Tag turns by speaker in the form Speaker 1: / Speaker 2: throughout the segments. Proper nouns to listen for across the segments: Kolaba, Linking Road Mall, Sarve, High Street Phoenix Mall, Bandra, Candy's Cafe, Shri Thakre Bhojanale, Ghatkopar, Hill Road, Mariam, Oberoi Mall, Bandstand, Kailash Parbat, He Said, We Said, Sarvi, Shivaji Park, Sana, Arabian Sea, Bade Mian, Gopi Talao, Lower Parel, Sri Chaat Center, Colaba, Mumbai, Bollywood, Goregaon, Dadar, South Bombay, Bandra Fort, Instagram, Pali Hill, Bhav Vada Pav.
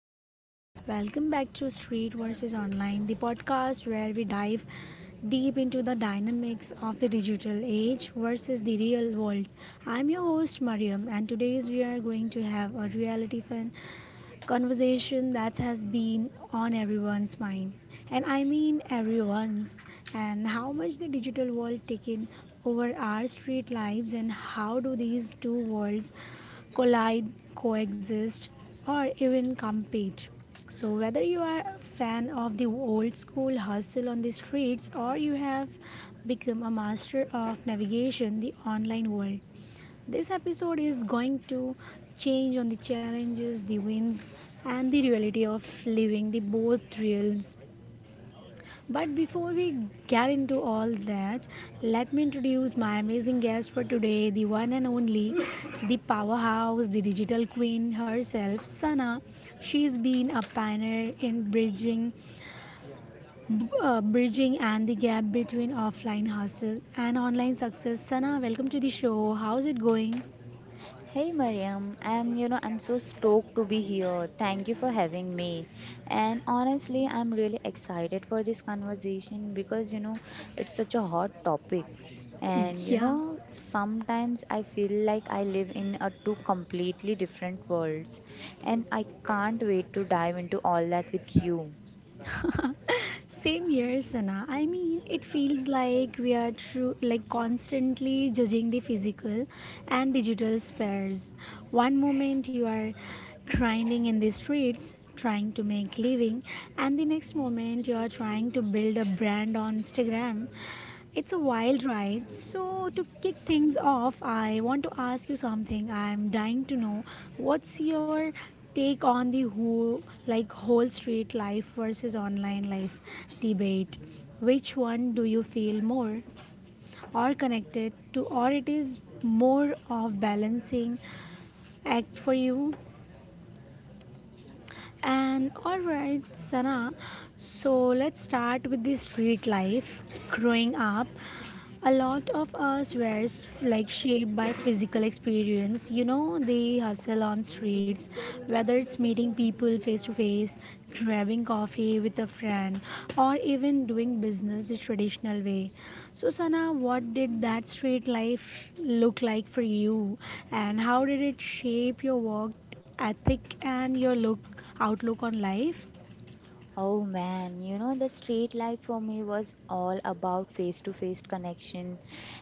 Speaker 1: everyone? Welcome back to Street versus Online, the podcast where we dive deep into the dynamics of the digital age versus the real world. I'm your host, Mariam, and today we are going to have a reality fun conversation that has been on everyone's mind, and I mean everyone's, and how much the digital world taken over our street lives. And how do these two worlds collide, coexist, or even compete? So, whether you are a fan of the old school hustle on the streets, or you have become a master of navigation the online world, this episode is going to change on the challenges, the wins, and the reality of living the both realms. But before we get into all that, let me introduce my amazing guest for today, the one and only, the powerhouse, the digital queen herself, Sana. She's been a pioneer in bridging and the gap between offline hustle and online success. Sana, welcome to the show. How's it going?
Speaker 2: Hey Mariam, I'm you know I'm so stoked to be here. Thank you for having me. And honestly, I'm really excited for this conversation because it's such a hot topic. And
Speaker 1: Yeah.
Speaker 2: sometimes I feel like I live in a two completely different worlds and I can't wait to dive into all that with you.
Speaker 1: Same here, Sana. I mean, it feels like we are true, like constantly judging the physical and digital spares. One moment you are grinding in the streets, trying to make living, and the next moment you are trying to build a brand on Instagram. It's a wild ride. So, to kick things off, I want to ask you something. I'm dying to know, what's your take on the whole street life versus online life debate? Which one do you feel more or connected to, or it is more of balancing act for you? And alright, Sana, so let's start with the street life. Growing up, a lot of us were like shaped by physical experience. You know, the hustle on streets, whether it's meeting people face to face, grabbing coffee with a friend, or even doing business the traditional way. So, Sana, what did that street life look like for you, and how did it shape your work ethic and your look outlook on life.
Speaker 2: Oh man, the street life for me was all about face to face connection,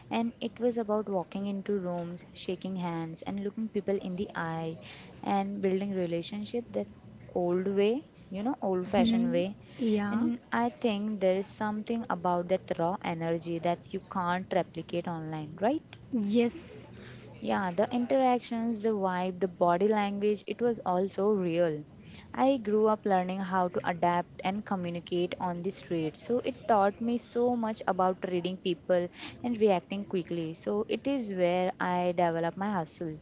Speaker 2: and it was about walking into rooms, shaking hands, and looking people in the eye, and building relationship that old way, old fashioned
Speaker 1: Hmm.
Speaker 2: way.
Speaker 1: Yeah.
Speaker 2: And I think there is something about that raw energy that you can't replicate online, right?
Speaker 1: Yes,
Speaker 2: Yeah, the interactions, the vibe, the body language, it was also real. I grew up learning how to adapt and communicate on the street. So it taught me so much about reading people and reacting quickly. So it is where I develop my hustle.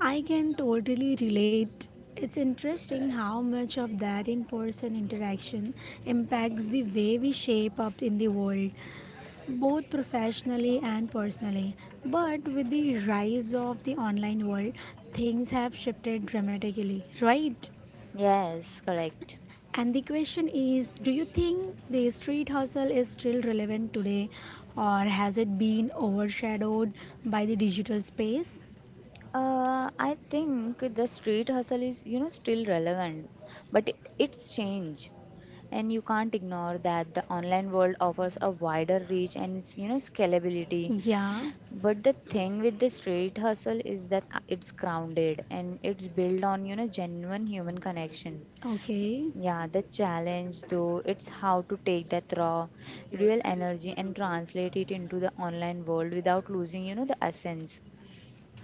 Speaker 1: I can totally relate. It's interesting how much of that in person interaction impacts the way we shape up in the world, both professionally and personally. But with the rise of the online world, things have shifted dramatically, right?
Speaker 2: Yes, correct.
Speaker 1: And the question is, do you think the street hustle is still relevant today, or has it been overshadowed by the digital space?
Speaker 2: I think the street hustle is, still relevant, but it's changed, and you can't ignore that the online world offers a wider reach and, scalability.
Speaker 1: Yeah,
Speaker 2: But the thing with the street hustle is that it's grounded, and it's built on, genuine human connection.
Speaker 1: okay,
Speaker 2: Yeah, the challenge though, it's how to take that raw, real energy and translate it into the online world without losing, the essence.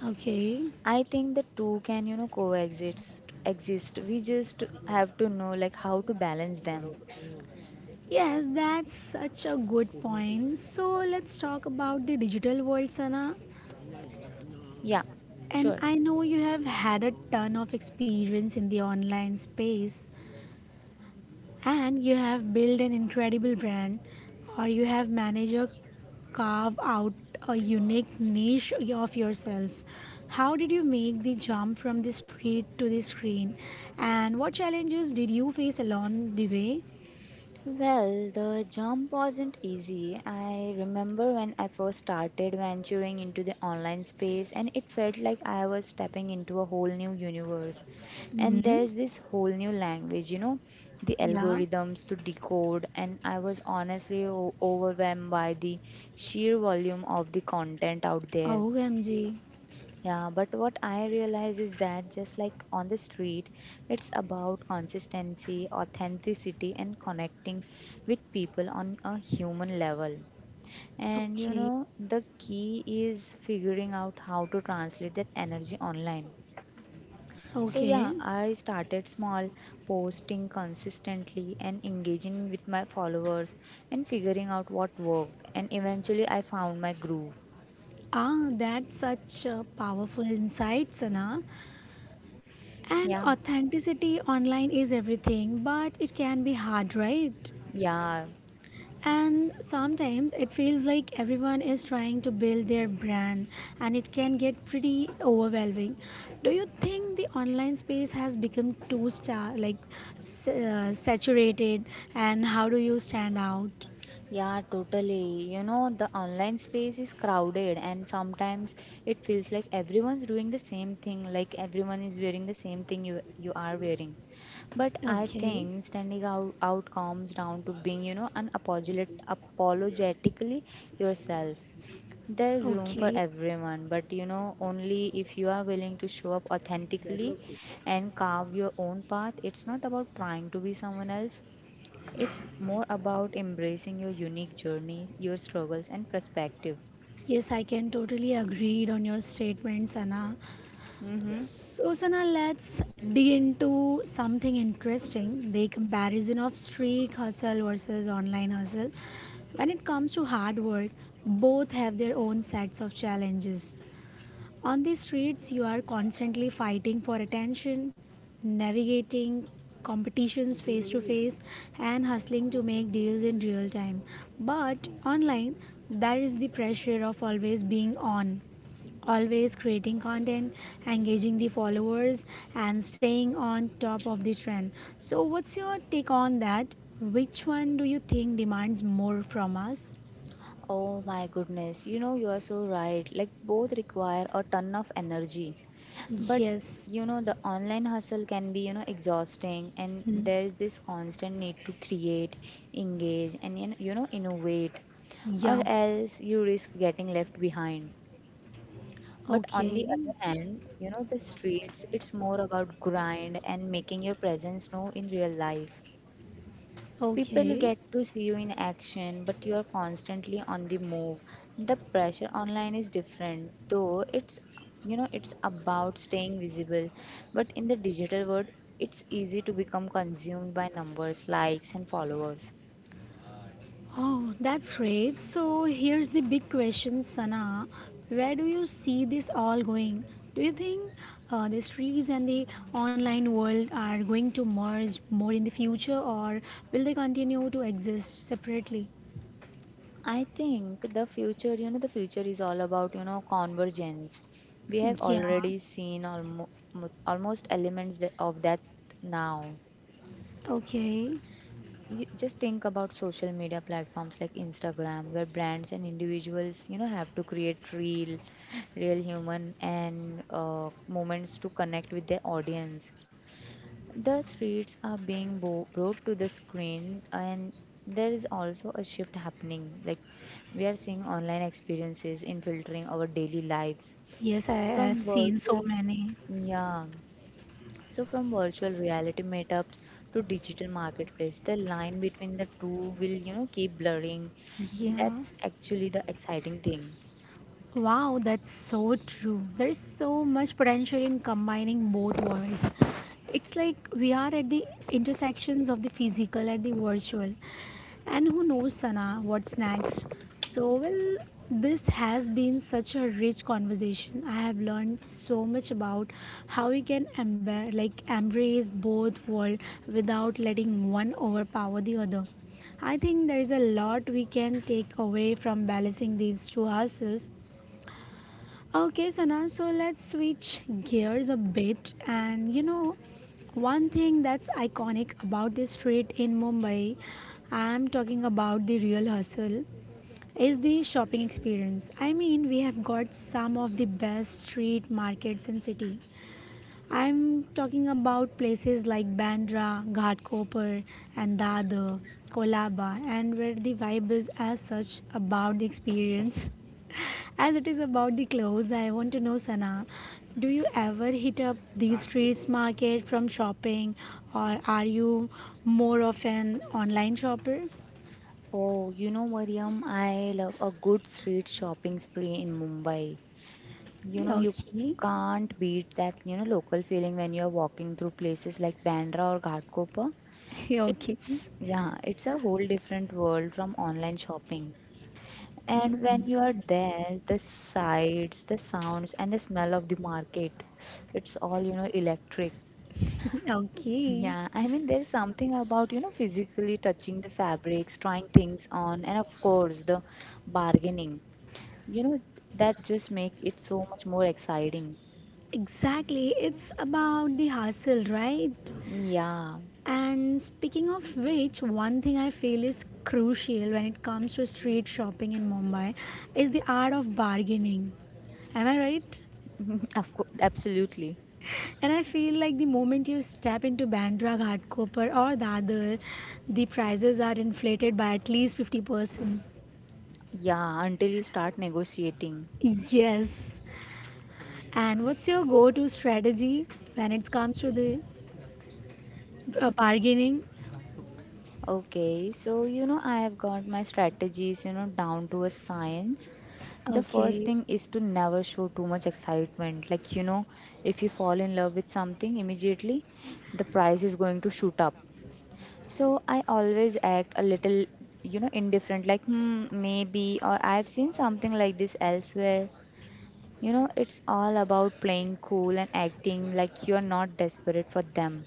Speaker 1: okay.
Speaker 2: I think the two can, coexist exist. We just have to know like how to balance them.
Speaker 1: Yes, that's such a good point. So, let's talk about the digital world, Sana.
Speaker 2: Yeah,
Speaker 1: And
Speaker 2: sure.
Speaker 1: I know you have had a ton of experience in the online space. And you have built an incredible brand, or you have managed to carve out a unique niche of yourself. How did you make the jump from the street to the screen, and what challenges did you face along the way?
Speaker 2: Well, the jump wasn't easy. I remember when I first started venturing into the online space, and it felt like I was stepping into a whole new universe. And
Speaker 1: Hmm.
Speaker 2: there's this whole new language, the
Speaker 1: Yeah.
Speaker 2: algorithms to decode, and I was honestly overwhelmed by the sheer volume of the content out there.
Speaker 1: OMG.
Speaker 2: Yeah, but what I realize is that just like on the street, it's about consistency, authenticity, and connecting with people on a human level. And
Speaker 1: Okay,
Speaker 2: the key is figuring out how to translate that energy online. So,
Speaker 1: okay.
Speaker 2: yeah, I started small, posting consistently and engaging with my followers and figuring out what worked. And eventually, I found my groove.
Speaker 1: Ah, that's such a powerful insight, Sana. And
Speaker 2: Yeah,
Speaker 1: authenticity online is everything, but it can be hard, right?
Speaker 2: yeah.
Speaker 1: And sometimes it feels like everyone is trying to build their brand and it can get pretty overwhelming. Do you think the online space has become too star like saturated, and how do you stand out?
Speaker 2: Yeah, totally. The online space is crowded, and sometimes it feels like everyone's doing the same thing, like everyone is wearing the same thing you are wearing. But I
Speaker 1: Okay.
Speaker 2: think standing out comes down to being, apologetically yourself. There's room for
Speaker 1: Okay.
Speaker 2: everyone, but only if you are willing to show up authentically and carve your own path. It's not about trying to be someone else, it's more about embracing your unique journey, your struggles, and perspective.
Speaker 1: Yes, I can totally agree on your statements, Anna.
Speaker 2: Mm-hmm.
Speaker 1: So, Sana, let's dig into something interesting, the comparison of street hustle versus online hustle. When it comes to hard work, both have their own sets of challenges. On the streets, you are constantly fighting for attention, navigating competitions face to face, and hustling to make deals in real time. But online, there is the pressure of always being on, always creating content, engaging the followers, and staying on top of the trend. So, what's your take on that? Which one do you think demands more from us?
Speaker 2: Oh my goodness, you are so right. Like, both require a ton of energy. But,
Speaker 1: Yes.
Speaker 2: the online hustle can be, exhausting, and
Speaker 1: Hmm.
Speaker 2: there is this constant need to create, engage, and, innovate, or
Speaker 1: Yup.
Speaker 2: else you risk getting left behind. But on the
Speaker 1: Okay.
Speaker 2: other hand, the streets, it's more about grind and making your presence known in real life. People
Speaker 1: Okay.
Speaker 2: get to see you in action, but you're constantly on the move. The pressure online is different, though it's you know it's about staying visible. But in the digital world, it's easy to become consumed by numbers, likes, and followers.
Speaker 1: Oh, that's great. So here's the big question, Sana. Where do you see this all going? Do you think the streets and the online world are going to merge more in the future, or will they continue to exist separately?
Speaker 2: I think the future is all about, convergence. We have
Speaker 1: Yeah.
Speaker 2: already seen almost elements of that now.
Speaker 1: Okay.
Speaker 2: You just think about social media platforms like Instagram, where brands and individuals, have to create real, real human and moments to connect with their audience. The streets are being brought to the screen, and there is also a shift happening. Like we are seeing online experiences infiltrating our daily lives
Speaker 1: Yes, I have
Speaker 2: from
Speaker 1: seen so
Speaker 2: virtual,
Speaker 1: many.
Speaker 2: yeah from virtual reality meetups to digital marketplace, the line between the two will, keep blurring. And
Speaker 1: Yeah.
Speaker 2: that's actually the exciting thing.
Speaker 1: Wow, that's so true. There's so much potential in combining both worlds. It's like we are at the intersections of the physical and the virtual. And who knows, Sana, what's next? So, well, this has been such a rich conversation. I have learned so much about how we can embrace both worlds without letting one overpower the other. I think there is a lot we can take away from balancing these two houses. Okay, Sana, so let's switch gears a bit. And you know, one thing that's iconic about this street in Mumbai, I'm talking about the real hustle, is the shopping experience. I mean, we have got some of the best street markets in city. I'm talking about places like Bandra, Ghatkopar, and Dadar, Kolaba, and where the vibe is as such about the experience as it is about the clothes. I want to know, Sana, do you ever hit up the streets market from shopping, or are you more of an online shopper?
Speaker 2: Oh, Mariam, I love a good street shopping spree in Mumbai. You
Speaker 1: Okay.
Speaker 2: can't beat that, local feeling when you're walking through places like Bandra or Ghatkopar.
Speaker 1: Okay.
Speaker 2: It's, yeah, it's a whole different world from online shopping. And when you are there, the sights, the sounds, and the smell of the market, it's all, electric.
Speaker 1: Okay.
Speaker 2: Yeah, I mean, there's something about, physically touching the fabrics, trying things on, and of course, the bargaining. You know, that just make it so much more exciting.
Speaker 1: Exactly, it's about the hustle, right?
Speaker 2: Yeah,
Speaker 1: And speaking of which, one thing I feel is crucial when it comes to street shopping in Mumbai is the art of bargaining. Am I right?
Speaker 2: of course, absolutely.
Speaker 1: And I feel like the moment you step into Bandra Ghatkopar or Dadar, the prices are inflated by at least 50%.
Speaker 2: Yeah, until you start negotiating.
Speaker 1: Yes. And what's your go to strategy when it comes to the bargaining?
Speaker 2: Okay, so I have got my strategies, down to a science. The first
Speaker 1: Okay.
Speaker 2: thing is to never show too much excitement. Like, if you fall in love with something immediately, the price is going to shoot up. So I always act a little, indifferent, like, hmm, maybe, or I've seen something like this elsewhere. It's all about playing cool and acting like you're not desperate for them.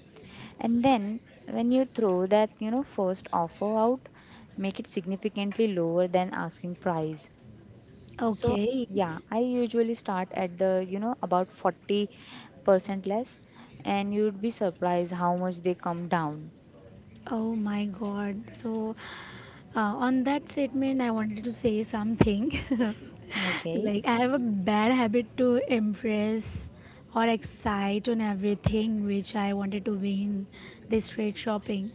Speaker 2: And then when you throw that, first offer out, make it significantly lower than asking price. So
Speaker 1: Okay.
Speaker 2: yeah, I usually start at the you know about 40% less, and you'd be surprised how much they come down.
Speaker 1: Oh my God. So, on that statement, I wanted to say something.
Speaker 2: Okay.
Speaker 1: Like, I have a bad habit to impress or excite on everything which I wanted to win this trade shopping.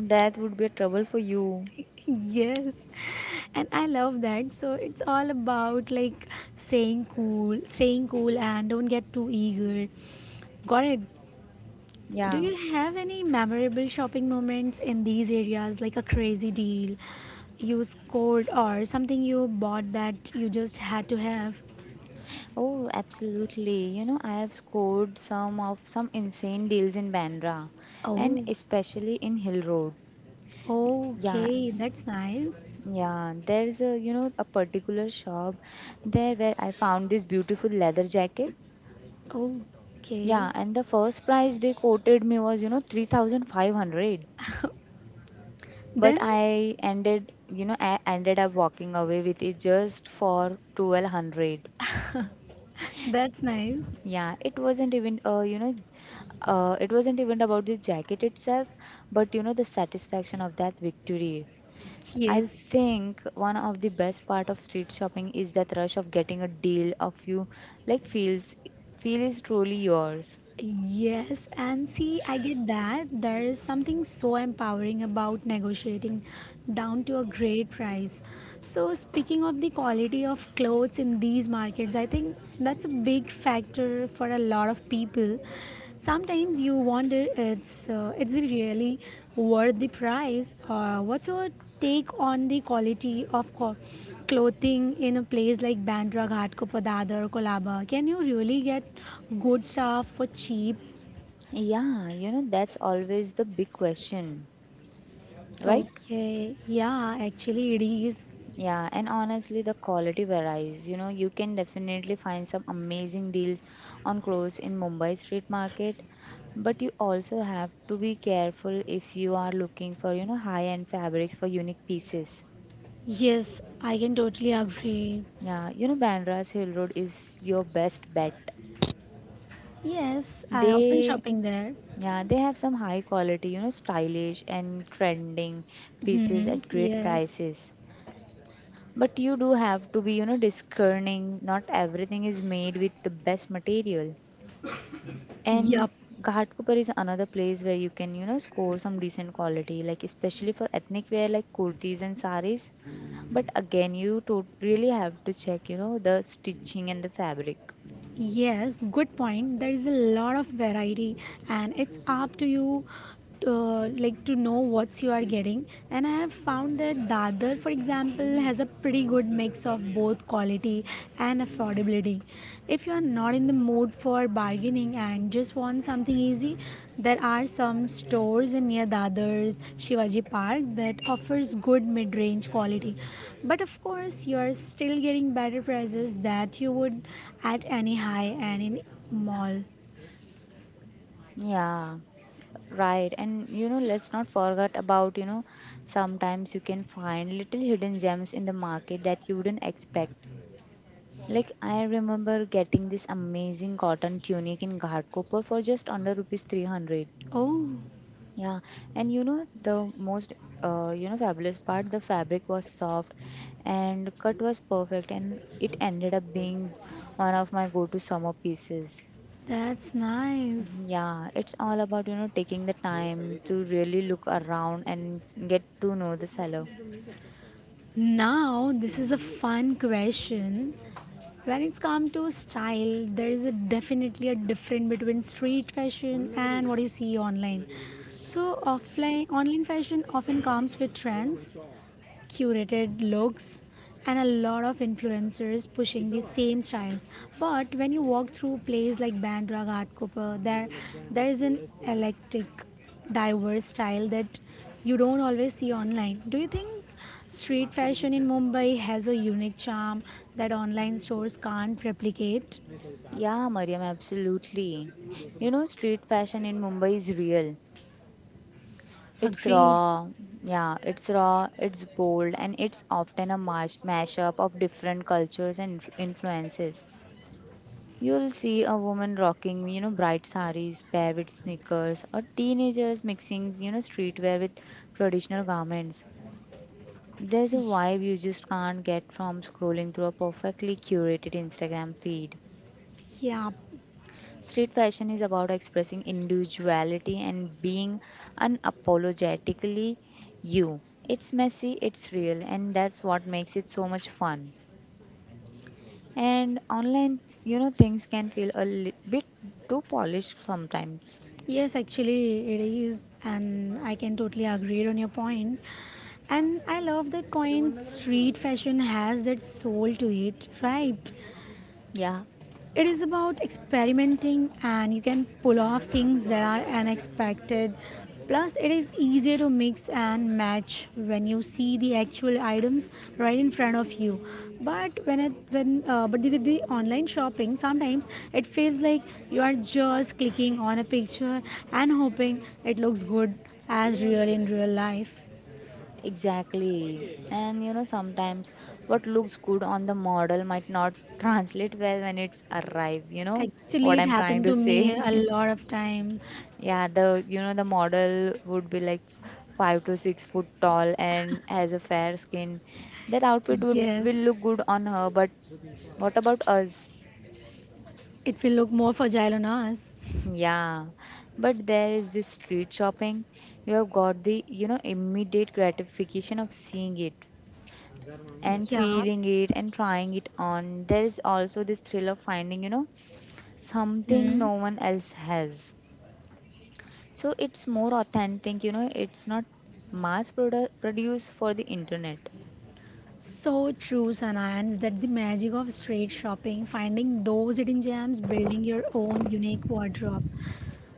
Speaker 2: That would be a trouble for you.
Speaker 1: Yes. And I love that. So, it's all about like saying cool, staying cool, and don't get too eager. Got it? Do
Speaker 2: Yeah.
Speaker 1: you have any memorable shopping moments in these areas, like a crazy deal you scored or something you bought that you just had to have?
Speaker 2: Oh, absolutely. I have scored some insane deals in Bandra, and
Speaker 1: Oh,
Speaker 2: especially in Hill Road. Yeah.
Speaker 1: okay, that's nice.
Speaker 2: Yeah, there's a you know a particular shop there where I found this beautiful leather jacket.
Speaker 1: Okay,
Speaker 2: Yeah, and the first price they quoted me was, 3,500. But
Speaker 1: then
Speaker 2: I ended up walking away with it just for 1,200.
Speaker 1: that's nice.
Speaker 2: Yeah, it wasn't even about the jacket itself, but, the satisfaction of that victory. I
Speaker 1: Yes.
Speaker 2: think one of the best part of street shopping is that rush of getting a deal of you, like feel is truly yours.
Speaker 1: Yes, and see, I get that. There is something so empowering about negotiating down to a great price. So, speaking of the quality of clothes in these markets, I think that's a big factor for a lot of people. Sometimes you wonder it's is it really worth the price? What's your take on the quality of clothing in a place like Bandra, Ghatkopar, Dadar, Kolaba? Can you really get good stuff for cheap?
Speaker 2: Yeah, that's always the big question, right?
Speaker 1: Okay, yeah, yeah, actually it is.
Speaker 2: Yeah, and honestly, the quality varies. You can definitely find some amazing deals on clothes in Mumbai street market, but you also have to be careful if you are looking for, high-end fabrics for unique pieces.
Speaker 1: Yes, I can totally agree.
Speaker 2: Yeah, Bandra's Hill Road is your best bet.
Speaker 1: Yes, I often
Speaker 2: They,
Speaker 1: shopping there.
Speaker 2: yeah, they have some high quality, stylish and trending pieces
Speaker 1: Hmm.
Speaker 2: at great
Speaker 1: Yes.
Speaker 2: prices. But you do have to be, discerning. Not everything is made with the best material.
Speaker 1: Yup.
Speaker 2: And Ghatkopar is another place where you can, score some decent quality, like especially for ethnic wear like kurtis and saris. But again, you to really have to check, the stitching and the fabric.
Speaker 1: Yes, good point. There is a lot of variety, and it's up to you to, like, to know what you are getting. And I have found that Dadar, for example, has a pretty good mix of both quality and affordability. If you are not in the mood for bargaining and just want something easy, there are some stores in near Dadar's Shivaji Park that offers good mid-range quality. But of course, you are still getting better prices that you would at any high-end mall.
Speaker 2: Yeah, right. And let's not forget about, sometimes you can find little hidden gems in the market that you wouldn't expect. Like I remember getting this amazing cotton tunic in Ghatkopar for just under rupees 300.
Speaker 1: Oh,
Speaker 2: Yeah, and the most fabulous part, the fabric was soft and cut was perfect, and it ended up being one of my go-to summer pieces.
Speaker 1: that's nice.
Speaker 2: Yeah, it's all about taking the time to really look around and get to know the seller.
Speaker 1: Now, this is a fun question. When it's come to style, there is a definitely a difference between street fashion and what you see online. So offline online fashion often comes with trends, curated looks, and a lot of influencers pushing the same styles. But when you walk through places like Bandra Ghatkopar, there is an eclectic, diverse style that you don't always see online. Do you think street fashion in Mumbai has a unique charm that online stores can't replicate?
Speaker 2: Yeah, Mariam, absolutely. Street fashion in Mumbai is real. It's
Speaker 1: Agreed.
Speaker 2: raw, yeah, it's raw, it's bold, and it's often a mashup of different cultures and influences. You'll see a woman rocking, bright saris paired with sneakers, or teenagers mixing, streetwear with traditional garments. There's a vibe you just can't get from scrolling through a perfectly curated Instagram feed.
Speaker 1: Yeah.
Speaker 2: Street fashion is about expressing individuality and being unapologetically you. It's messy, it's real, and that's what makes it so much fun. And online, things can feel a bit too polished sometimes.
Speaker 1: Yes, actually, it is, and I can totally agree on your point. And I love that point. Street fashion has that soul to it, right?
Speaker 2: Yeah,
Speaker 1: It is about experimenting and you can pull off things that are unexpected. Plus, it is easier to mix and match when you see the actual items right in front of you. But when it, when but with the online shopping, sometimes it feels like you are just clicking on a picture and hoping it looks good as real in real life.
Speaker 2: exactly. And sometimes what looks good on the model might not translate well when it's arrive, you know
Speaker 1: Actually,
Speaker 2: what
Speaker 1: it
Speaker 2: I'm trying
Speaker 1: happened
Speaker 2: to
Speaker 1: to me
Speaker 2: say.
Speaker 1: a lot of times.
Speaker 2: Yeah, the you know the model would be like 5 to 6 foot tall and has a fair skin. That outfit would will
Speaker 1: Yes,
Speaker 2: look good on her, but what about us?
Speaker 1: it will look more fragile on us.
Speaker 2: Yeah, but there is this street shopping. You have got the immediate gratification of seeing it and
Speaker 1: Yeah.
Speaker 2: feeling it and trying it on. There is also this thrill of finding something
Speaker 1: Hmm.
Speaker 2: no one else has. So it's more authentic, it's not mass produced for the internet.
Speaker 1: So true, Sanayans, that the magic of street shopping, finding those hidden gems, building your own unique wardrobe.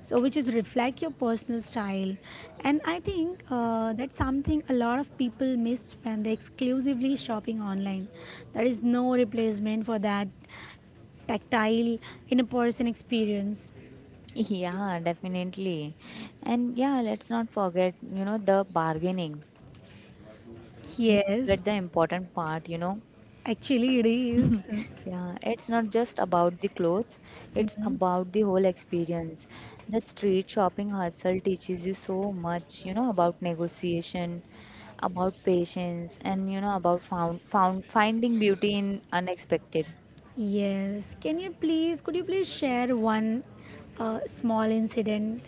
Speaker 1: So, which is reflect your personal style. And I think that's something a lot of people miss when they exclusively shopping online. There is no replacement for that tactile in a person experience.
Speaker 2: Yeah, definitely. And yeah, let's not forget, the bargaining. We forget
Speaker 1: Yes,
Speaker 2: the important part.
Speaker 1: actually it is.
Speaker 2: Yeah, it's not just about the clothes, it's
Speaker 1: Mhm.
Speaker 2: about the whole experience. The street shopping hustle teaches you so much, about negotiation, about patience, and about found, found finding beauty in unexpected.
Speaker 1: Yes. Could you please share one small incident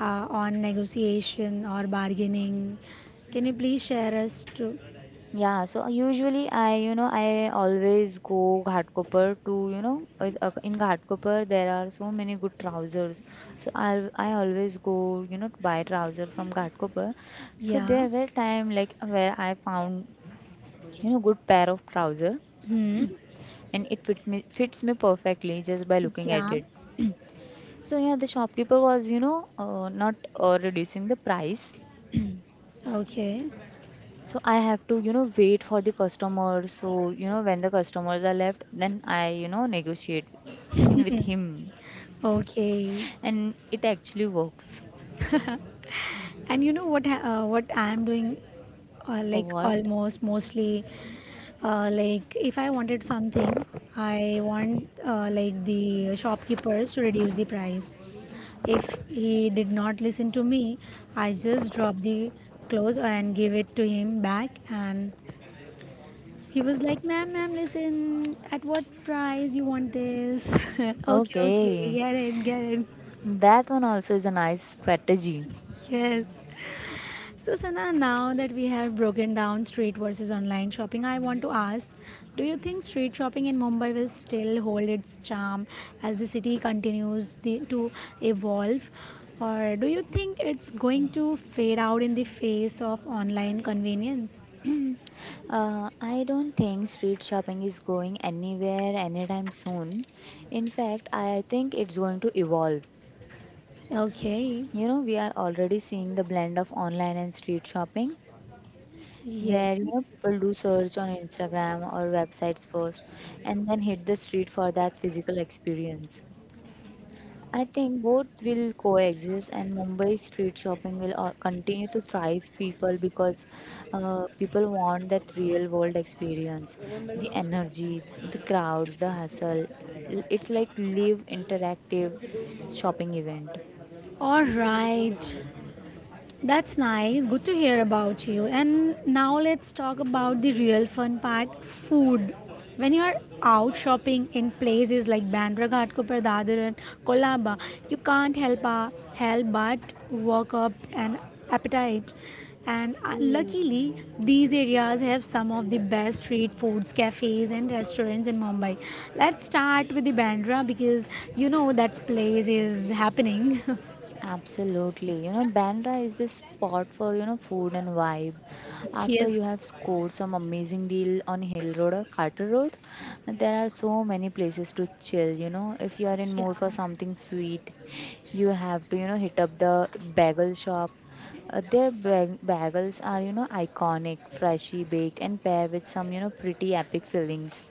Speaker 1: on negotiation or bargaining? Can you please share us to?
Speaker 2: Yeah, so usually I always go Ghatkopar to, in Ghatkopar there are so many good trousers. So I always go, to buy trouser from Ghatkopar. So
Speaker 1: Yeah.
Speaker 2: there were time like where I found, good pair of trouser
Speaker 1: Hmm.
Speaker 2: and it fit me fits me perfectly just by looking at
Speaker 1: Yeah.
Speaker 2: it. So yeah, the shopkeeper was, not reducing the price.
Speaker 1: Okay.
Speaker 2: So I have to, wait for the customer. So, when the customers are left, then I negotiate with him.
Speaker 1: Okay.
Speaker 2: And it actually works.
Speaker 1: And you know what? What I am doing, like
Speaker 2: What?
Speaker 1: almost mostly, like if I wanted something, I want like the shopkeepers to reduce the price. If he did not listen to me, I just dropped the clothes and gave it to him back. And he was like, "Ma'am, ma'am, listen, at what price you want this?" Okay, okay,
Speaker 2: Okay.
Speaker 1: get it, get it.
Speaker 2: That one also is a nice strategy.
Speaker 1: Yes. So, Sana, now that we have broken down street versus online shopping, I want to ask, do you think street shopping in Mumbai will still hold its charm as the city continues to evolve? Or do you think it's going to fade out in the face of online convenience?
Speaker 2: I don't think street shopping is going anywhere anytime soon. In fact, I think it's going to evolve.
Speaker 1: Okay,
Speaker 2: You know, we are already seeing the blend of online and street shopping, where you
Speaker 1: yes.
Speaker 2: know people do search on Instagram or websites first and then hit the street for that physical experience. I think both will coexist and Mumbai street shopping will continue to thrive people because people want that real world experience, the energy, the crowds, the hustle. It's like live interactive shopping event.
Speaker 1: All right. That's nice. Good to hear about you. And now let's talk about the real fun part, food. When you're out shopping in places like Bandra Ghat, Kopar Dadar, and Kolaba, you can't help but work up an appetite. And luckily, these areas have some of the best street foods, cafes, and restaurants in Mumbai. Let's start with the Bandra because you know that place is happening.
Speaker 2: Absolutely. You know, Bandra is this spot for, food and vibe. After
Speaker 1: Yes.
Speaker 2: you have scored some amazing deal on Hill Road or Carter Road, there are so many places to chill, you know. If you are in
Speaker 1: Yeah.
Speaker 2: mood for something sweet, you have to, hit up the bagel shop. Their bagels are, iconic, freshly baked and paired with some, pretty epic fillings.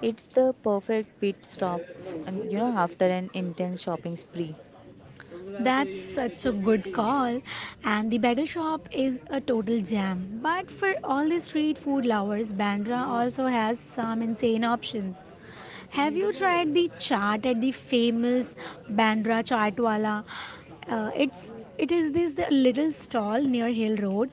Speaker 2: It's the perfect pit stop, and, after an intense shopping spree.
Speaker 1: That's such a good call. And the bagel shop is a total jam. But for all the street food lovers, Bandra also has some insane options. Have you tried the chaat at the famous Bandra Chaatwala? Uh, it's it is this the little stall near Hill Road,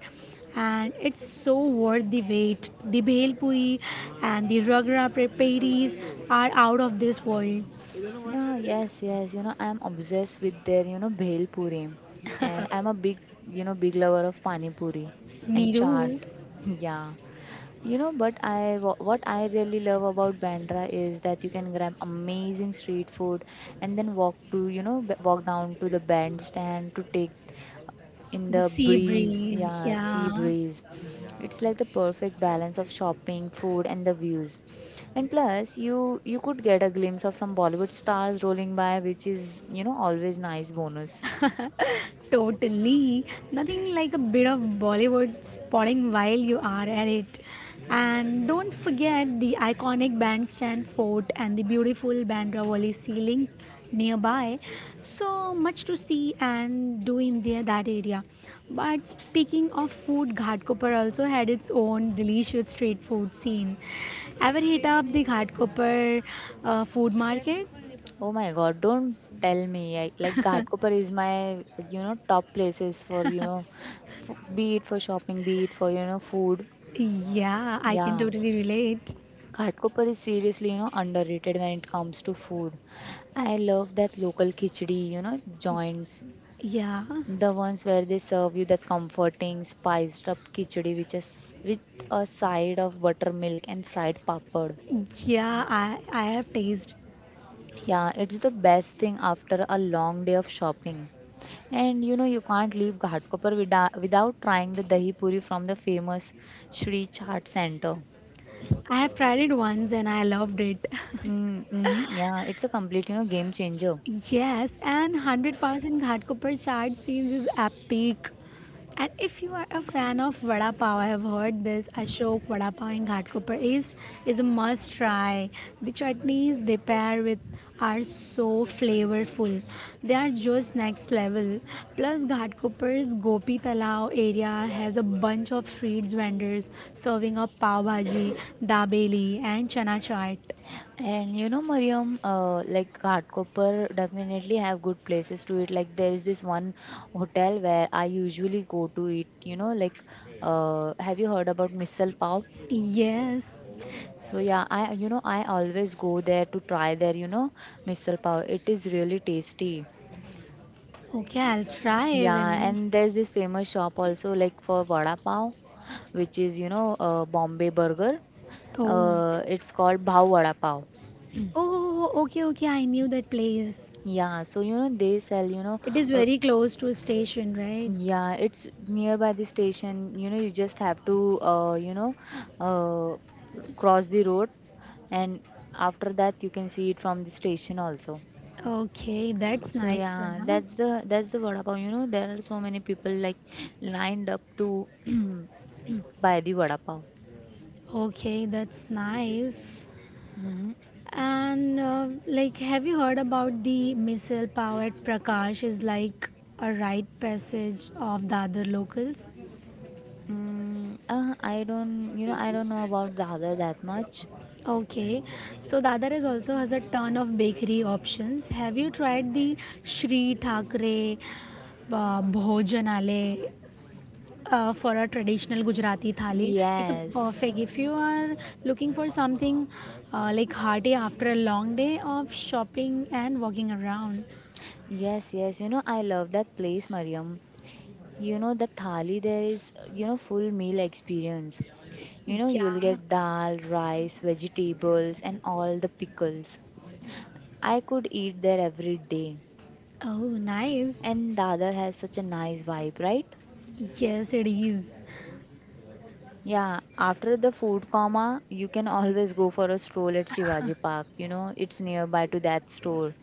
Speaker 1: and it's so worth the wait. The bhel puri and the ragra preparies are out of this world.
Speaker 2: Yeah, yes, yes. You know, I'm obsessed with their, bhel puri. And I'm a big, big lover of pani puri and chaat.
Speaker 1: Miru,
Speaker 2: Yeah. You know, but I what I really love about Bandra is that you can grab amazing street food and then walk to, walk down to the bandstand to take in
Speaker 1: the
Speaker 2: the
Speaker 1: sea
Speaker 2: breeze,
Speaker 1: breeze,
Speaker 2: yeah, sea
Speaker 1: yeah.
Speaker 2: breeze. It's like the perfect balance of shopping, food, and the views. And plus, you could get a glimpse of some Bollywood stars rolling by, which is you know always nice bonus.
Speaker 1: Totally. Nothing like a bit of Bollywood spotting while you are at it. And don't forget the iconic bandstand fort and the beautiful Bandra Wali ceiling nearby. So much to see and do in there that area. But speaking of food, Ghatkopar also had its own delicious street food scene. Ever hit up the Ghatkopar food market?
Speaker 2: Oh my God! Don't tell me I, like Ghatkopar is my you know top places for you know be it for shopping, be it for you know food.
Speaker 1: Yeah, I can
Speaker 2: Yeah,
Speaker 1: totally relate.
Speaker 2: Ghatkopar is seriously you know underrated when it comes to food. I love that local khichdi, you know, joints.
Speaker 1: Yeah.
Speaker 2: The ones where they serve you that comforting spiced up khichdi which is with a side of buttermilk and fried papad.
Speaker 1: Yeah, I have tasted.
Speaker 2: Yeah, it's the best thing after a long day of shopping. And you know you can't leave Ghatkopar without trying the dahi puri from the famous Sri Chaat Center.
Speaker 1: I have tried it once and I loved it.
Speaker 2: Mm. Mm-hmm, yeah, it's a complete you know game changer.
Speaker 1: Yes, and 100% Ghatkopar chaat scenes is epic. And if you are a fan of Vada Pav, I have heard this Ashok Vada Pav in Ghatkopar East is a must try. The chutneys they pair with are so flavorful. They are just next level. Plus, Ghatkopar's Gopi Talao area has a bunch of street vendors serving up pav bhaji, dabeli, and chana chaat.
Speaker 2: And you know, Mariam, like Ghatkopar definitely have good places to eat. Like there is this one hotel where I usually go to eat. You know, like have you heard about misal pav?
Speaker 1: Yes.
Speaker 2: So yeah, I you know I always go there to try their you know misal pav. It is really tasty.
Speaker 1: Okay, I'll try
Speaker 2: Yeah,
Speaker 1: even.
Speaker 2: and there's this famous shop also like for vada pav, which is you know Bombay burger.
Speaker 1: Oh.
Speaker 2: It's called Bhav Vada Pav.
Speaker 1: Oh, okay, okay. I knew that place.
Speaker 2: Yeah, so you know they sell you know
Speaker 1: It is
Speaker 2: uh,
Speaker 1: very close to a station, right?
Speaker 2: yeah, it's nearby the station. You know, you just have to, uh, cross the road, and after that you can see it from the station also.
Speaker 1: Okay, that's
Speaker 2: So
Speaker 1: nice,
Speaker 2: yeah,
Speaker 1: Sana.
Speaker 2: that's the vada pav. You know, there are so many people like lined up to buy the vada pav.
Speaker 1: Okay, that's nice.
Speaker 2: Mm.
Speaker 1: And like, have you heard about the missile-powered Prakash is like a rite passage of Dadar locals?
Speaker 2: Mm, I don't, I don't know about Dadar that much.
Speaker 1: Okay, so Dadar is also has a ton of bakery options. Have you tried the Shri Thakre Bhojanale for a traditional Gujarati thali. It's a
Speaker 2: Yes,
Speaker 1: perfect if you are looking for something like hearty after a long day of shopping and walking around.
Speaker 2: yes, yes. You know, I love that place, Mariam. You know, the thali there is, full meal experience. You know, you'll
Speaker 1: Yeah.
Speaker 2: get dal, rice, vegetables, and all the pickles. I could eat there every day.
Speaker 1: Oh, nice.
Speaker 2: And Dadar has such a nice vibe, right?
Speaker 1: Yes, it is.
Speaker 2: Yeah, after the food coma, you can always go for a stroll at Shivaji Park. You know, it's nearby to that store.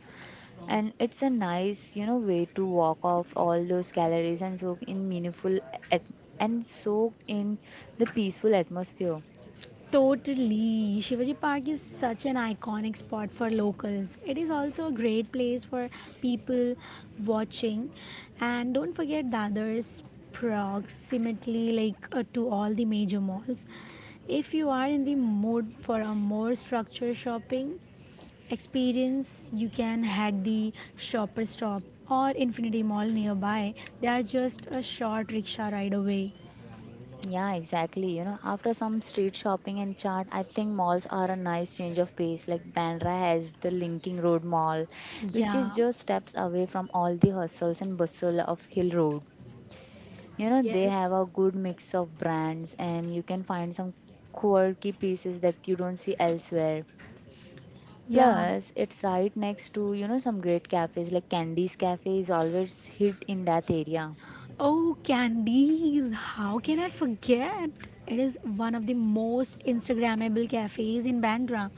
Speaker 2: And it's a nice, way to walk off all those calories and soak in meaningful at- and soak in the peaceful atmosphere.
Speaker 1: Totally. Shivaji Park is such an iconic spot for locals. It is also a great place for people watching. And don't forget Dadar's proximately like to all the major malls. If you are in the mood for a more structured shopping experience, you can head the Shopper Stop or Infinity Mall nearby. They are just a short rickshaw ride away.
Speaker 2: Yeah, exactly. You know, after some street shopping and chat, I think malls are a nice change of pace. Like Bandra has the Linking Road Mall, which
Speaker 1: Yeah.
Speaker 2: is just steps away from all the hustles and bustle of Hill Road. You know, they
Speaker 1: Yes.
Speaker 2: have a good mix of brands and you can find some quirky pieces that you don't see elsewhere.
Speaker 1: Yeah.
Speaker 2: Plus, it's right next to, some great cafes like Candy's Cafe is always hit in that area.
Speaker 1: Oh, Candies, how can I forget? It is one of the most Instagrammable cafes in Bandra,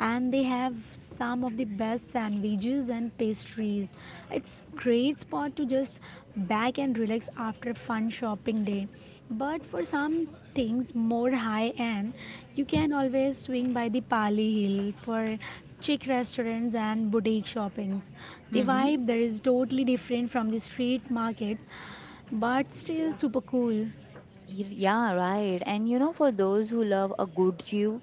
Speaker 1: and they have some of the best sandwiches and pastries. It's great spot to just back and relax after a fun shopping day. But for some things more high end, you can always swing by the Pali Hill for chic restaurants and boutique shoppings. The
Speaker 2: Mm-hmm.
Speaker 1: vibe there is totally different from the street markets, but still super cool.
Speaker 2: Yeah, right. And you know, for those who love a good view,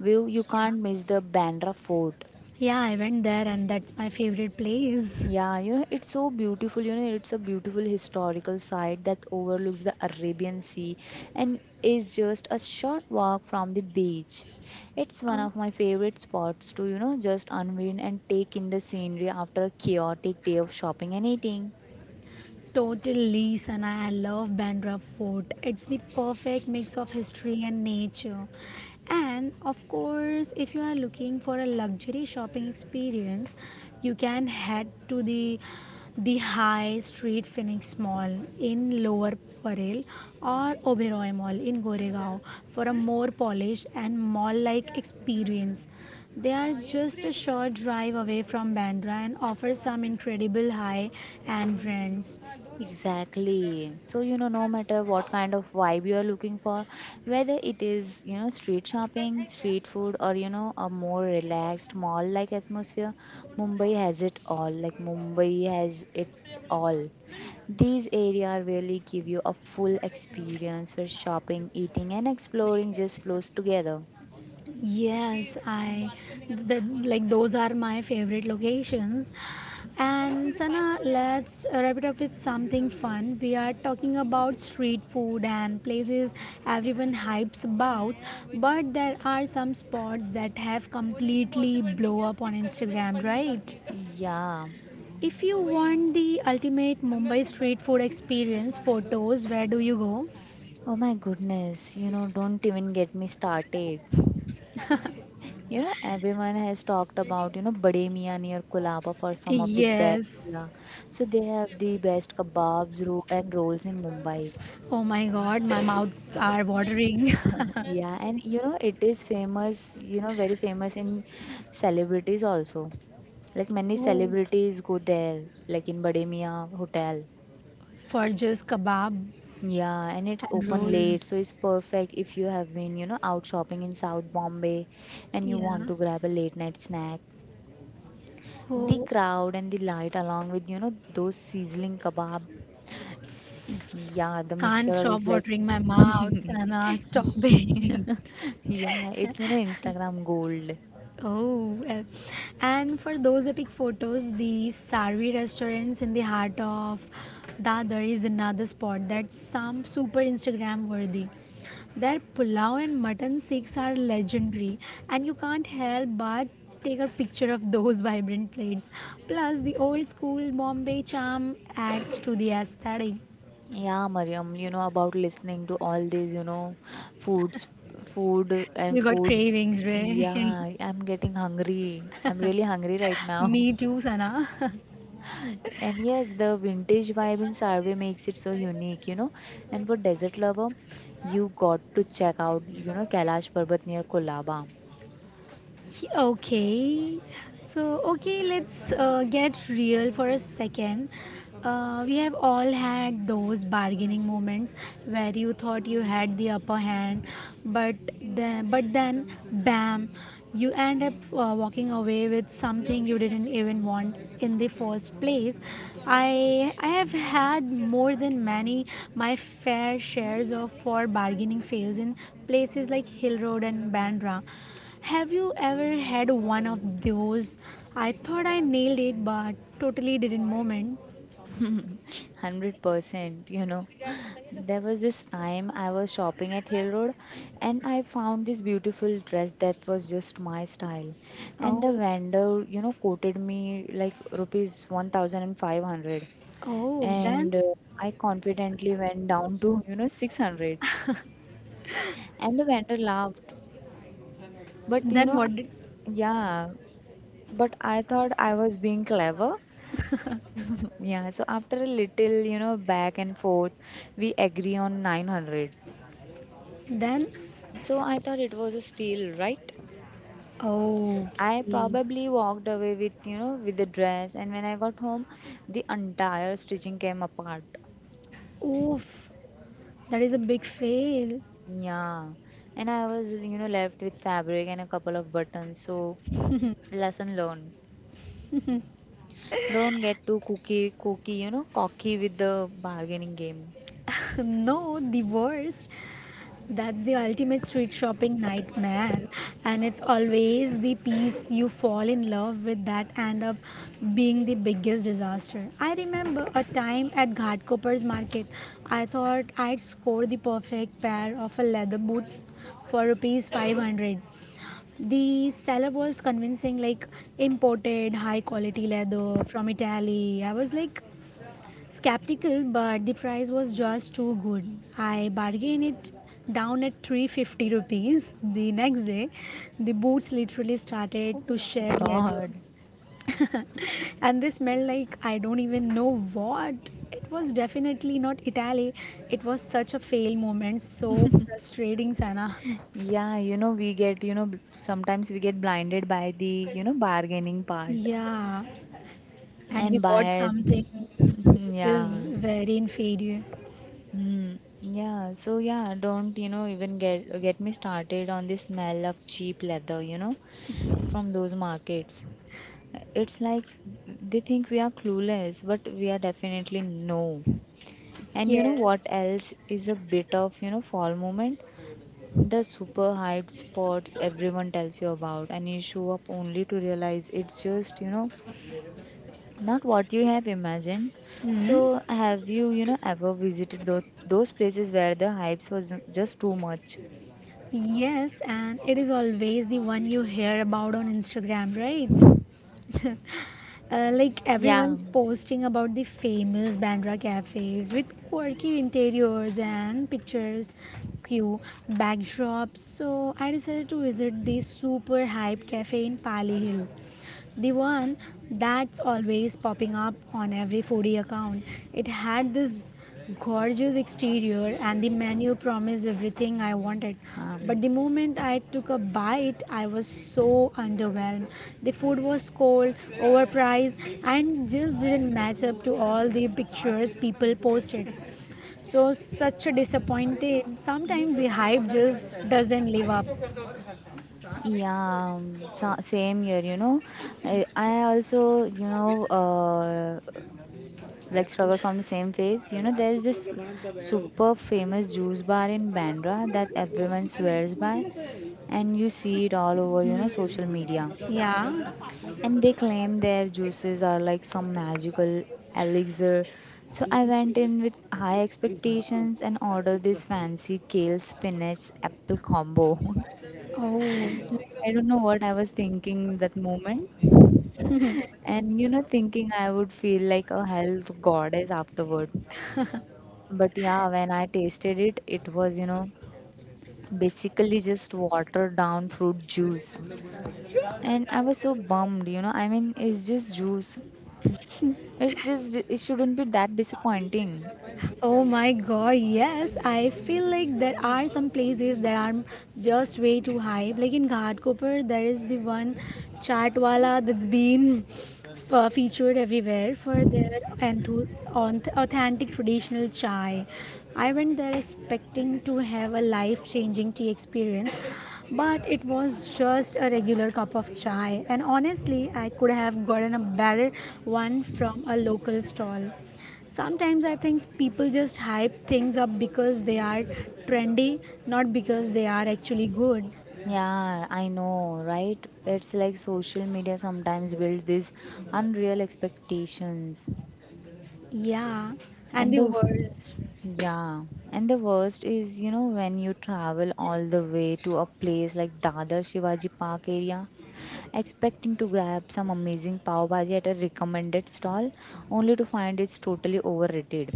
Speaker 2: view you can't miss the Bandra Fort.
Speaker 1: Yeah, I went there and that's my favorite place.
Speaker 2: Yeah, you know, it's so beautiful. You know, it's a beautiful historical site that overlooks the Arabian Sea and is just a short walk from the beach. It's one of my favorite spots to, just unwind and take in the scenery after a chaotic day of shopping and eating.
Speaker 1: Totally, Sana. I love Bandra Fort. It's the perfect mix of history and nature. And of course, if you are looking for a luxury shopping experience, you can head to the High Street Phoenix Mall in Lower Parel or Oberoi Mall in Goregaon for a more polished and mall-like experience. They are just a short drive away from Bandra and offer some incredible high-end brands.
Speaker 2: Exactly. So, you know, no matter what kind of vibe you are looking for, whether it is, street shopping, street food, or, a more relaxed mall like atmosphere, Mumbai has it all. All. These areas really give you a full experience where shopping, eating, and exploring just flows together.
Speaker 1: Yes, like those are my favorite locations. And Sana, let's wrap it up with something fun. We are talking about street food and places everyone hypes about, but there are some spots that have completely blow up on Instagram, right?
Speaker 2: Yeah.
Speaker 1: If you want the ultimate Mumbai street food experience photos, where do you go?
Speaker 2: Oh my goodness. You know, don't even get me started. You know, everyone has talked about, Bade Mian near Colaba for some of the best.
Speaker 1: Yes.
Speaker 2: Yeah. So they have the best kebabs ro and rolls in Mumbai.
Speaker 1: Oh my god, my mouths are watering.
Speaker 2: Yeah, and you know, it is famous, very famous in celebrities also. Like many
Speaker 1: Oh.
Speaker 2: celebrities go there, like in Bade Mian Hotel.
Speaker 1: Furges kebab
Speaker 2: Yeah, and it's
Speaker 1: and
Speaker 2: open late,
Speaker 1: rolls.
Speaker 2: so it's perfect if you have been, out shopping in South Bombay and you want
Speaker 1: Yeah.
Speaker 2: to grab a late night snack. The
Speaker 1: Oh,
Speaker 2: crowd and the light, along with you know those sizzling kebab, yeah, the
Speaker 1: can't
Speaker 2: mixture of
Speaker 1: stop
Speaker 2: is like,
Speaker 1: watering my mouth, Sana. Stop it.
Speaker 2: yeah, it's you know Instagram gold.
Speaker 1: Oh, well. And for those epic photos, the Sarvi restaurants in the heart of Dadar is another spot that's some super Instagram worthy. Their pulao and mutton steaks are legendary, and you can't help but take a picture of those vibrant plates. Plus, the old school Bombay charm adds to the aesthetic.
Speaker 2: Yeah, Mariam, you know about listening to all these you know foods, food and
Speaker 1: You got
Speaker 2: food.
Speaker 1: cravings, right?
Speaker 2: Yeah, I'm getting hungry. I'm really hungry right now.
Speaker 1: Me too, Sana.
Speaker 2: And yes, the vintage vibe in Sarve makes it so unique, you know. And for desert lover, you got to check out, Kailash Parbat near Kolaba.
Speaker 1: Okay, so okay, let's get real for a second. We have all had those bargaining moments where you thought you had the upper hand, but then, but then, bam, you end up walking away with something you didn't even want in the first place. I have had more than many my fair shares of for bargaining fails in places like Hill Road and Bandra. Have you ever had one of those "I thought I nailed it but totally didn't" moment?
Speaker 2: 100%, you know. There was this time I was shopping at Hill Road and I found this beautiful dress that was just my style. And the
Speaker 1: Oh,
Speaker 2: vendor, you know, quoted me like rupees 1,500
Speaker 1: oh,
Speaker 2: and I confidently went down to, 600. And the vendor laughed, but you
Speaker 1: then
Speaker 2: know,
Speaker 1: what did
Speaker 2: yeah, but I thought I was being clever. Yeah, so after a little, back and forth, we agree on 900.
Speaker 1: then
Speaker 2: So I thought it was a steal, right?
Speaker 1: oh,
Speaker 2: I
Speaker 1: okay.
Speaker 2: probably walked away with, with the dress, and when I got home, the entire stitching came apart.
Speaker 1: Oof, that is a big fail.
Speaker 2: Yeah, and I was, left with fabric and a couple of buttons. So lesson learned. Don't get too you know, cocky with the bargaining game.
Speaker 1: No, the worst. That's the ultimate street shopping nightmare, and it's always the piece you fall in love with that end up being the biggest disaster. I remember a time at Ghatkoppar's market, I thought I'd score the perfect pair of a leather boots for rupees 500. The seller was convincing, like imported high quality leather from Italy. I was like, skeptical, but the price was just too good. I bargained it down at 350 rupees. The next day, the boots literally started to shed leather.
Speaker 2: God.
Speaker 1: And they smelled like I don't even know what. It was definitely not Italy. It was such a fail moment. So frustrating, Sana.
Speaker 2: Yeah, you know, we get, sometimes we get blinded by the, bargaining part
Speaker 1: Yeah, and we
Speaker 2: and
Speaker 1: bought
Speaker 2: by,
Speaker 1: something which is
Speaker 2: yeah.
Speaker 1: very inferior.
Speaker 2: Mm, yeah, so yeah, don't you know even get me started on the smell of cheap leather, you know, from those markets. It's like they think we are clueless, but we are definitely no. And you know
Speaker 1: Yes.
Speaker 2: what else is a bit of, fall moment? The super hide spots everyone tells you about, and you show up only to realize it's just, not what you have imagined.
Speaker 1: Hmm?
Speaker 2: So have you you know ever visited those places where the hypes was just too much.
Speaker 1: Yes, and it is always the one you hear about on Instagram, right? Like
Speaker 2: Yeah.
Speaker 1: everyone's posting about the famous Bandra cafes with quirky interiors and pictures, cute backdrops. So I decided to visit the super hype cafe in Pali Hill. The one that's always popping up on every foodie account. It had this gorgeous exterior and the menu promised everything I wanted.
Speaker 2: Um,
Speaker 1: But the moment I took a bite, I was so underwhelmed. The food was cold, overpriced, and just didn't match up to all the pictures people posted. So, such a disappointed. Sometimes the hype just doesn't live up.
Speaker 2: yeah, same here, you know. I also, like struggle from the same phase. You know, there's this super famous juice bar in Bandra that everyone swears by, and you see it all over,
Speaker 1: Hmm,
Speaker 2: social media,
Speaker 1: yeah.
Speaker 2: and they claim their juices are like some magical elixir. So I went in with high expectations and ordered this fancy kale spinach apple combo.
Speaker 1: Oh.
Speaker 2: like I don't know what I was thinking that moment, and you know, thinking I would feel like a health goddess afterward. But yeah, when I tasted it, it was you know basically just watered down fruit juice. And I was so bummed, you know. I mean, it's just juice. It's just, it shouldn't be that disappointing.
Speaker 1: Oh my god, yes. I feel like there are some places that are just way too high. Like in Ghatkopar, there is the one chatwala that's been featured everywhere for their authentic traditional chai. I went there expecting to have a life changing tea experience, but it was just a regular cup of chai. And honestly, I could have gotten a better one from a local stall. Sometimes I think people just hype things up because they are trendy, not because they are actually good.
Speaker 2: Yeah, I know, right? It's like social media sometimes build these unreal expectations.
Speaker 1: Yeah, and
Speaker 2: And
Speaker 1: the
Speaker 2: the
Speaker 1: worst.
Speaker 2: yeah, and the worst is, when you travel all the way to a place like Dadar Shivaji Park area, expecting to grab some amazing pav bhaji at a recommended stall, only to find it's totally overrated.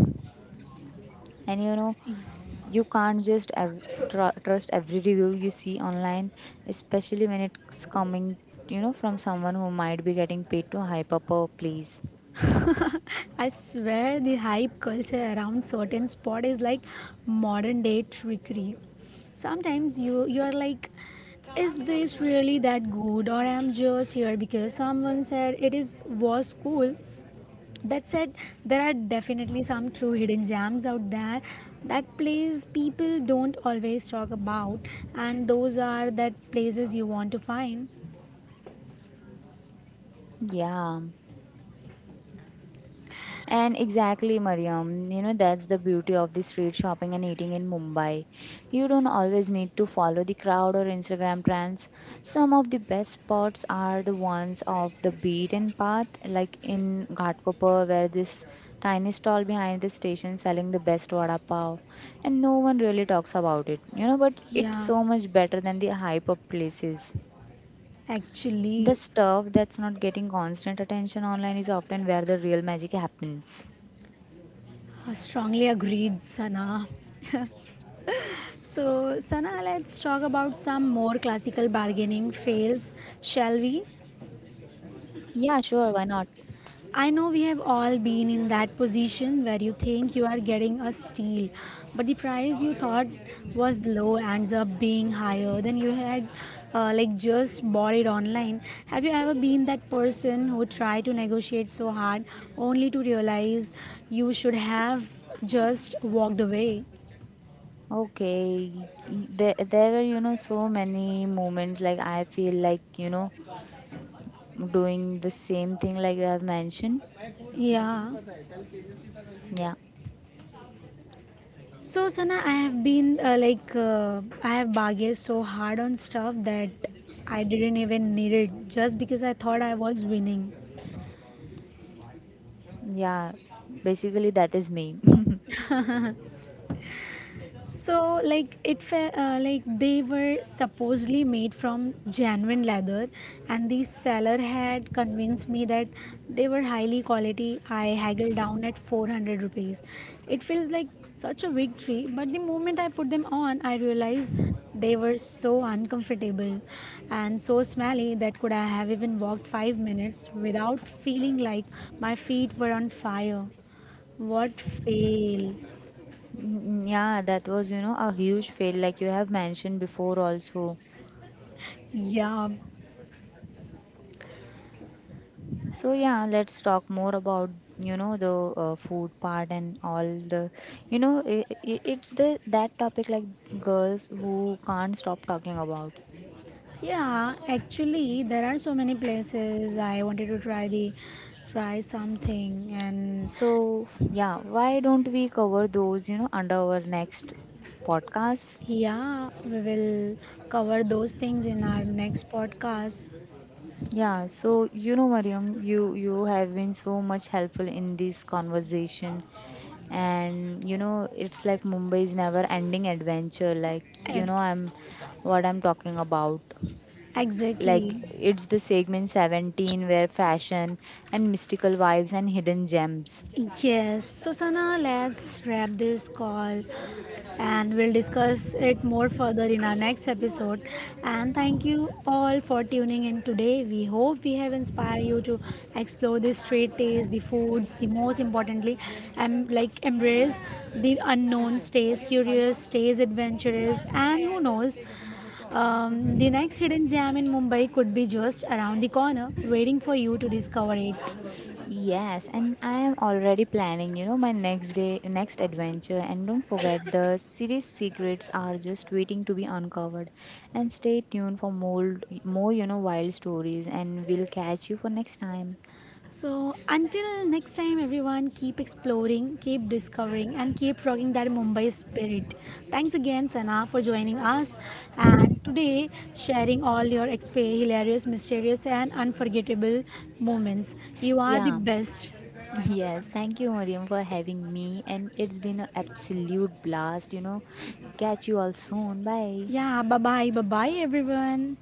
Speaker 2: And you know,
Speaker 1: See,
Speaker 2: you can't just trust every review you see online, especially when it's coming, from someone who might be getting paid to hype up a place.
Speaker 1: I swear the hype culture around certain sport is like modern day trickery. Sometimes you are like, is this really that good, or I'm just here because someone said it is was cool. That said, there are definitely some true hidden gems out there that place people don't always talk about, and those are that places you want to find.
Speaker 2: Yeah. And exactly, Mariam, you know, that's the beauty of the street shopping and eating in Mumbai. You don't always need to follow the crowd or Instagram trends. Some of the best spots are the ones off the beaten path, like in Ghatkopar, where this tiny stall behind the station selling the best vada pav. And no one really talks about it, you know, but it's
Speaker 1: Yeah,
Speaker 2: so much better than the hype of places. The
Speaker 1: actually,
Speaker 2: stuff that's not getting constant attention online is often where the real magic happens.
Speaker 1: I strongly agreed, Sana. So, Sana, let's talk about some more classical bargaining fails, shall we?
Speaker 2: Yeah, sure, why not?
Speaker 1: I know we have all been in that position where you think you are getting a steal, but the price you thought was low ends up being higher than you had like just bought it online. Have you ever been that person who tried to negotiate so hard only to realize you should have just walked away?
Speaker 2: Okay. There, there were, so many moments like I feel like, doing the same thing like you have mentioned.
Speaker 1: Yeah.
Speaker 2: Yeah.
Speaker 1: So, Sana, I have been I have bargained so hard on stuff that I didn't even need it just because I thought I was winning.
Speaker 2: Yeah. Basically, that is me.
Speaker 1: So, like it, like they were supposedly made from genuine leather, and the seller had convinced me that they were highly quality. I haggled down at 400 rupees. It feels like such a victory, but the moment I put them on, I realized they were so uncomfortable and so smelly that could I have even walked 5 minutes without feeling like my feet were on fire. What fail?
Speaker 2: Mm, yeah, that was, a huge fail like you have mentioned before also.
Speaker 1: Yeah.
Speaker 2: So yeah, let's talk more about, the food part and all the, you know, i it's the that topic like girls who can't stop talking about.
Speaker 1: Yeah, actually, there are so many places I wanted to try the try something, and
Speaker 2: So, yeah, why don't we cover those, under our next podcast?
Speaker 1: yeah, we will cover those things in our next podcast.
Speaker 2: Yeah, so you know, Mariam, you have been so much helpful in this conversation, and you know, it's like Mumbai's never-ending adventure. Like, you know,
Speaker 1: Ex-
Speaker 2: I'm what I'm talking about. Like,
Speaker 1: Exactly.
Speaker 2: it's the segment 17 where fashion and mystical vibes and hidden gems.
Speaker 1: Yes, Susana, let's wrap this call. And we'll discuss it more further in our next episode. And thank you all for tuning in today. We hope we have inspired you to explore the street taste, the foods, the most importantly, and like embrace the unknown, stays curious, stays adventurous, and who knows. The next hidden gem in Mumbai could be just around the corner, waiting for you to discover it.
Speaker 2: Yes, and I am already planning, my next next adventure. And don't forget, the series secrets are just waiting to be uncovered. And stay tuned for more, wild stories. And we'll catch you for next time.
Speaker 1: So, until next time, everyone, keep exploring, keep discovering, and keep rocking that Mumbai spirit. Thanks again, Sana, for joining us and today sharing all your hilarious, mysterious, and unforgettable moments. You are the
Speaker 2: Yeah.
Speaker 1: best.
Speaker 2: Yes, thank you, Mariam, for having me. And it's been an absolute blast, you know. Catch you all soon. Bye.
Speaker 1: Yeah, bye bye, bye bye, everyone.